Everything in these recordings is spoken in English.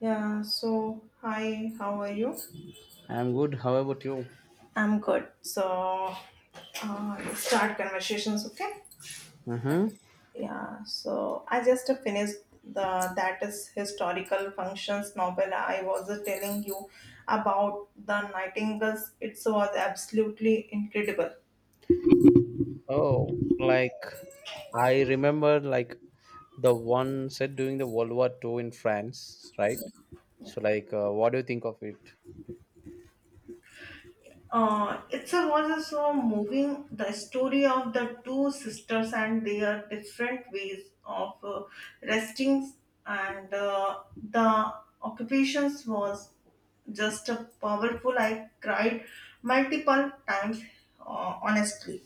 Yeah, so hi, how are you? I'm good. How about you? I'm good. So, let's start conversations, okay? Mm-hmm. Yeah, so I just finished the that is historical functions novel I was telling you about the Nightingales. It was absolutely incredible. Oh, like I remember, like the one said during the World War Two in France, right? So, what do you think of it? Uh, itself was so moving the story of the two sisters and their different ways of resting and the occupations was just a powerful I cried multiple times honestly.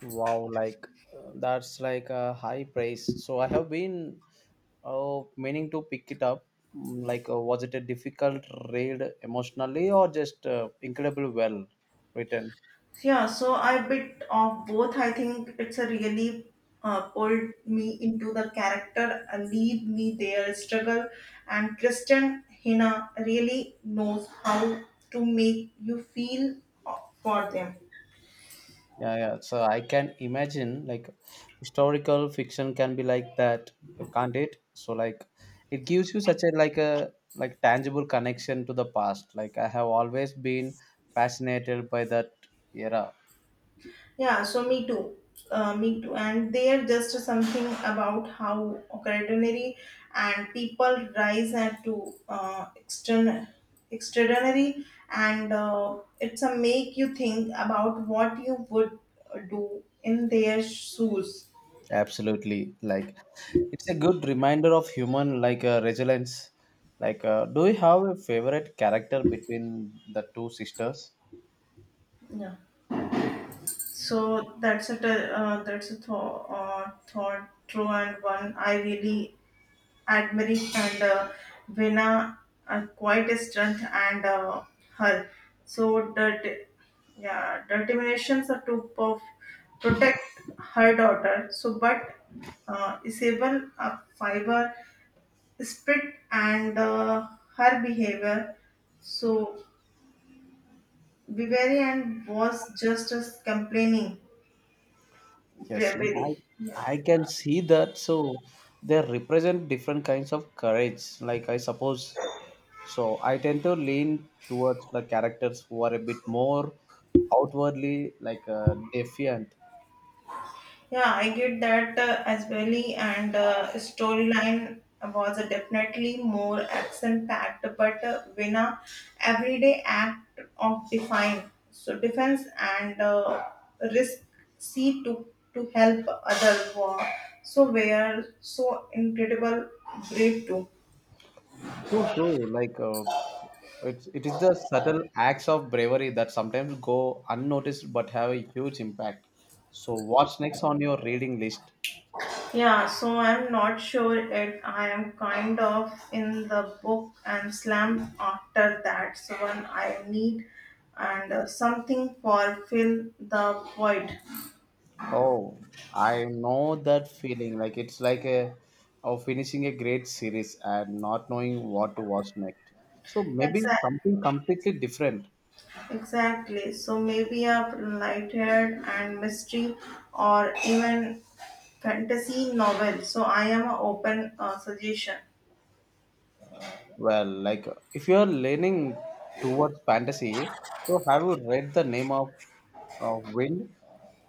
Wow, like that's like a high praise. So, I have been meaning to pick it up. Like, was it a difficult read emotionally or just incredible well written? Yeah, so I bit of both. I think it's a really pulled me into the character, lead me their struggle, and Kristen Hina really knows how to make you feel uh, for them. Yeah, yeah. So I can imagine like historical fiction can be like that, can't it? So like it gives you such a like tangible connection to the past. Like I have always been fascinated by that era. Yeah, so me too. Me too. And there just something about how ordinary and people rise and to extraordinary and it's a make you think about what you would do in their shoes. Absolutely. Like it's a good reminder of human resilience. Do you have a favorite character between the two sisters? Yeah. So thought through and one I really Admiric and Vena are quite a strength and her. So the yeah, determinations are to protect her daughter. So but Isabel a fiber spirit and her behavior. So Viveri and was just as complaining Yes, bravely. like I can see that. So they represent different kinds of courage. Like I suppose, so I tend to lean towards the characters who are a bit more outwardly defiant. Yeah, I get that as well. And storyline was definitely more action packed, but when a everyday act of define so defense and risk see to help other war so were so incredible brave too. True, true. It's it is the subtle acts of bravery that sometimes go unnoticed but have a huge impact. So what's next on your reading list? Yeah, so I'm not sure it. I am kind of in the book and slam after that. So when I need and something for fill the void. Oh, I know that feeling. Like it's like a of finishing a great series and not knowing what to watch next. So maybe Exact, something completely different. exactly. So maybe a light-haired and mystery or even fantasy novel. So I am a open suggestion. Well, like if you are leaning towards fantasy, so have you read the name of Wind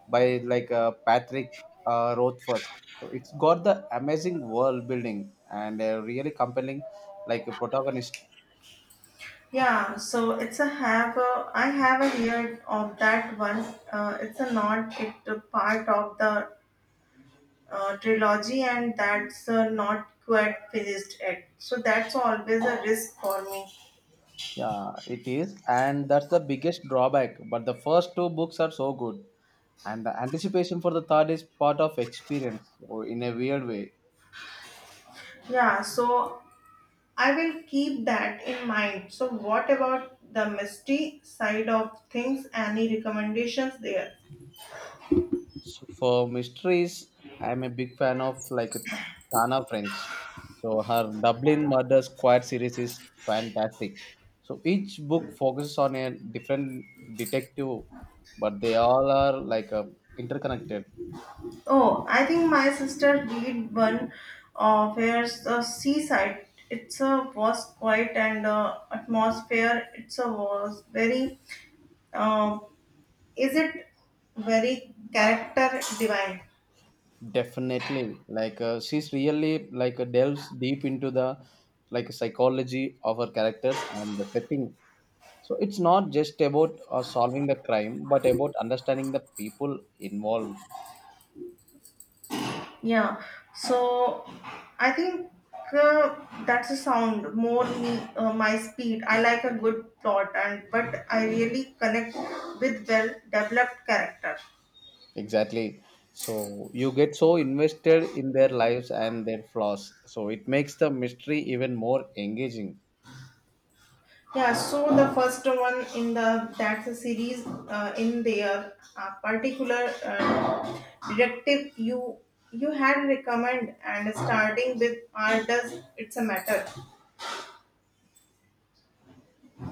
by Patrick Rothfuss? So it's got the amazing world building and a really compelling like a protagonist. Yeah, so it's a have a, I have a heard of that one. It's a not it a part of the trilogy and that's not quite finished yet so that's always a risk for me. Yeah, it is, and that's the biggest drawback. But the first two books are so good, and the anticipation for the third is part of experience, or in a weird way. Yeah, so I will keep that in mind. So what about the misty side of things, any recommendations there? So for mysteries, I'm a big fan of like Tana French. So her Dublin Murder Squad series is fantastic. So each book focuses on a different detective, but they all are interconnected. Oh, I think my sister did one of where's the seaside, it's a was quiet and atmosphere, it's a was very uh, is it very character divine. Definitely, she's really delves deep into the like psychology of her characters and the setting. So it's not just about solving the crime, but about understanding the people involved. Yeah, so I think uh, that's a sound more me my speed. I like a good plot and but I really connect with well developed character. Exactly. So you get so invested in their lives and their flaws. So it makes the mystery even more engaging. Yeah, so the first one in the that's a series in their particular directive you had recommend and starting with art does it's a matter.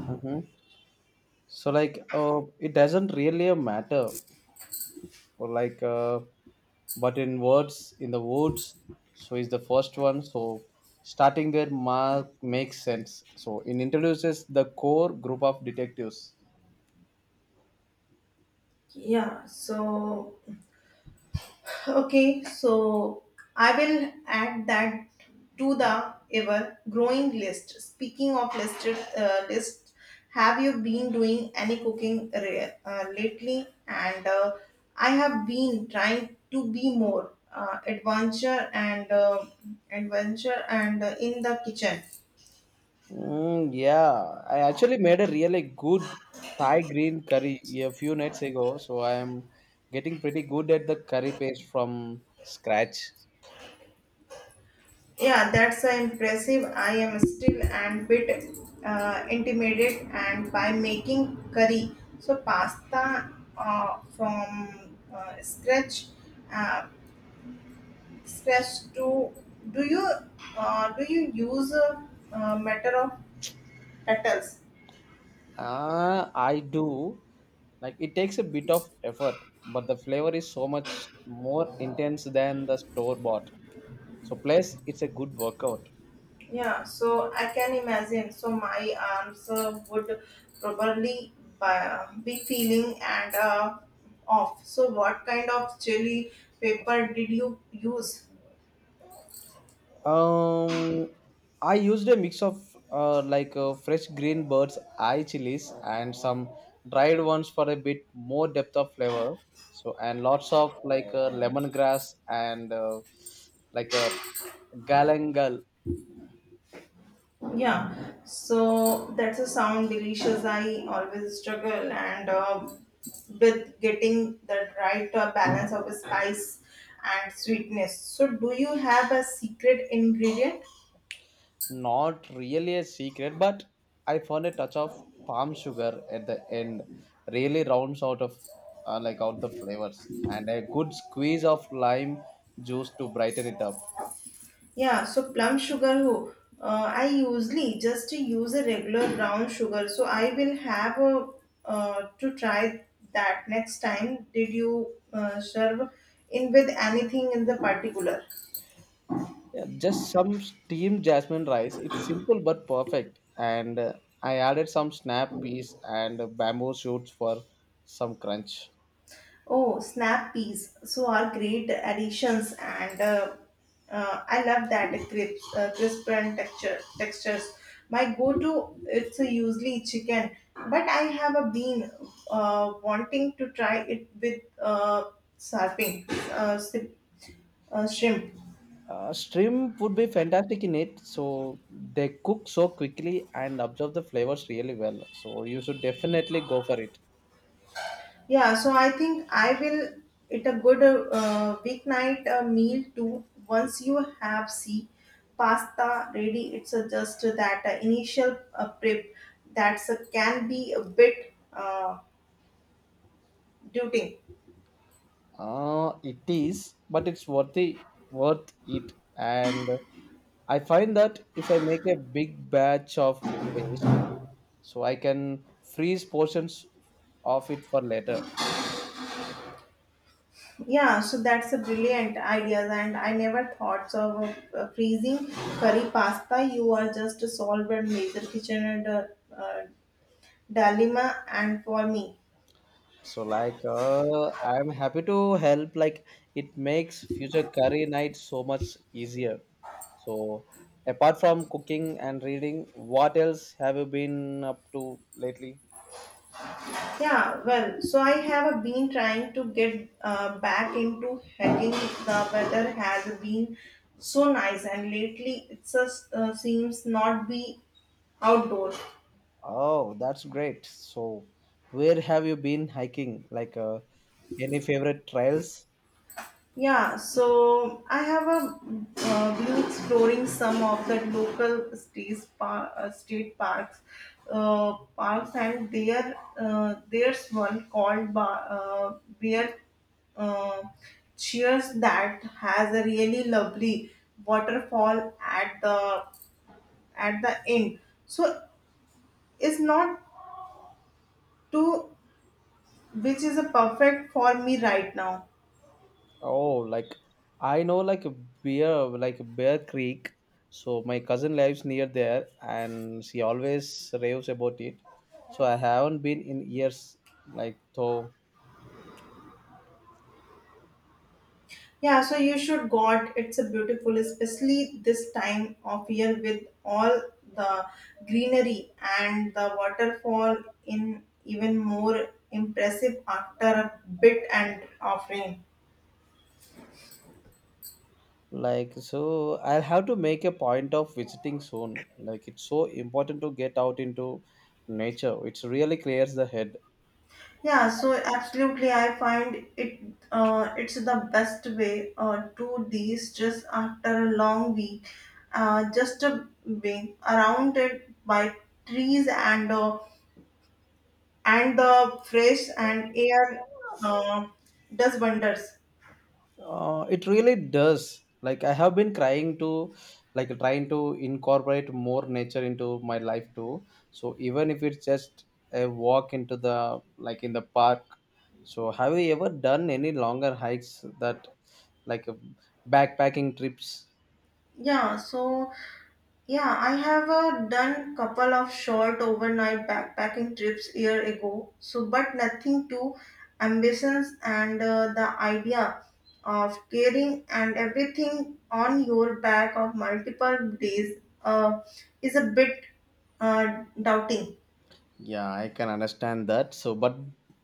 Hmm. So like, it doesn't really matter or but in words in the woods so is the first one so starting there makes sense so it introduces the core group of detectives. Yeah, so okay, so I will add that to the ever growing list. Speaking of listed list, have you been doing any cooking lately? And I have been trying to be more adventure and in the kitchen. Yeah, I actually made a really good Thai green curry a few nights ago, so I am getting pretty good at the curry paste from scratch. Yeah, that's impressive. I am still and bit intimidated and by making curry. So pasta from uh, scratch to do you do you use a matter of petals? Ah, I do. Like it takes a bit of effort, but the flavor is so much more intense than the store bought. So plus it's a good workout. Yeah, so I can imagine. So my arms would probably be feeling and off. So what kind of chili paper did you use? Um, I used a mix of fresh green bird's eye chilies and some dried ones for a bit more depth of flavor. So and lots of lemongrass and like a galangal. Yeah, so that's a sound delicious. I always struggle and with getting the right balance of spice and sweetness. So, do you have a secret ingredient? Not really a secret, but I found a touch of palm sugar at the end. Really rounds out of like out the flavors, and a good squeeze of lime juice to brighten it up. Yeah, so plum sugar. Who I usually just use a regular brown sugar. So I will have a to try that next time. Did you serve in with anything in the particular? Yeah, just some steamed jasmine rice. It's simple but perfect. And I added some snap peas and bamboo shoots for some crunch. Oh, snap peas. So are great additions, and I love that crisp, crisp and texture textures. My go-to it's usually chicken, but I have a been wanting to try it with surfing uh, si- shrimp. Shrimp would be fantastic in it. So they cook so quickly and absorb the flavors really well. So you should definitely go for it. Yeah, so I think I will it a good weeknight meal too. Once you have see pasta ready, it's just that initial prep that's can be a bit daunting. It is, but it's worth it. And I find that if I make a big batch of paste, so I can freeze portions of it for later. Yeah, so that's a brilliant idea, and I never thought so of freezing curry pasta. You are just solved a major kitchen and uh, dilemma, and for me. So I'm happy to help. Like it makes future career night so much easier. So apart from cooking and reading, what else have you been up to lately? Yeah, well, so I have been trying to get back into hiking. The weather has been so nice, and lately it just seems not be outdoors. Oh, that's great. So where have you been hiking? Any favorite trails? Yeah, so I have a been exploring some of the local state parks, parks, and there there's one called Ba Bear uh, Cheers that has a really lovely waterfall at the end. So it's not too, which is a perfect for me right now. Oh, like I know like a Bear Creek. So my cousin lives near there and she always raves about it. So I haven't been in years like though. Yeah, so you should God. It's a beautiful, especially this time of year with all the greenery and the waterfall in even more impressive after a bit and of rain. So I'll have to make a point of visiting soon. Like it's so important to get out into nature. It really clears the head. Yeah, so absolutely, I find it it's the best way to de-stress after a long week. Just a being around it by trees and the fresh and air uh, does wonders. It really does. Like I have been trying to incorporate more nature into my life too. So even if it's just a walk into the like in the park. So have you ever done any longer hikes that like uh, backpacking trips? Yeah, so yeah, I have done couple of short overnight backpacking trips year ago. So but nothing too ambitions and the idea of carrying and everything on your back of multiple days is a bit doubting. Yeah, I can understand that. So, but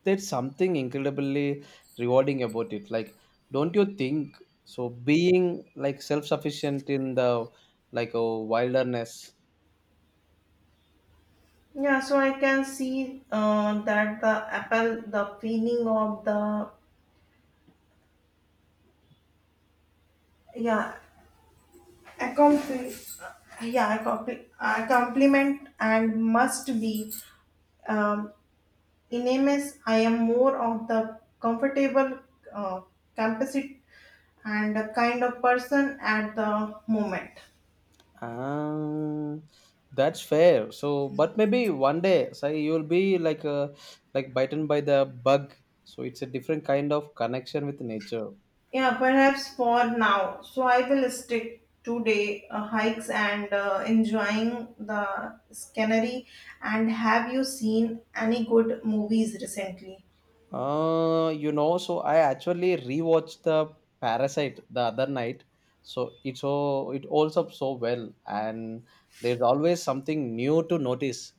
there's something incredibly rewarding about it. Like, don't you think? So, being like self-sufficient in the like a wilderness. Yeah, so I can see that the apple the feeling of the yeah, accompli- a compliment and must be um, enormous. I am more of the comfortable, uh, compensate and a kind of person at the moment. Um, that's fair. So, but maybe one day, say you'll be like bitten by the bug. So it's a different kind of connection with nature. Yeah, perhaps for now. So I will stick today hikes and enjoying the scenery. And have you seen any good movies recently? So I actually rewatched the Parasite the other night. So it's so it holds up so well, and there's always something new to notice.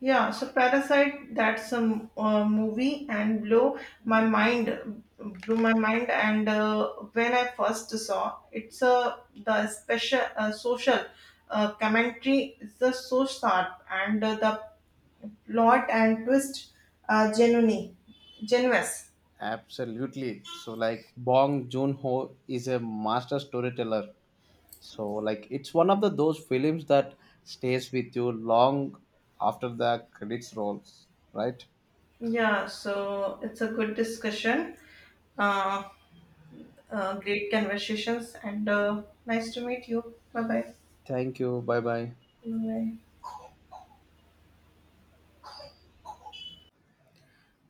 Yeah, so Parasite, that's a movie and blew my mind, blew my mind. And when I first saw, it's a the special social commentary is so sharp, and the plot and twist are genuine. Absolutely. So like Bong Joon Ho is a master storyteller. So like it's one of the those films that stays with you long after the credits rolls, right? Yeah, so it's a good discussion, uh, great conversations, and nice to meet you. Bye bye. Thank you. Bye bye. Bye bye.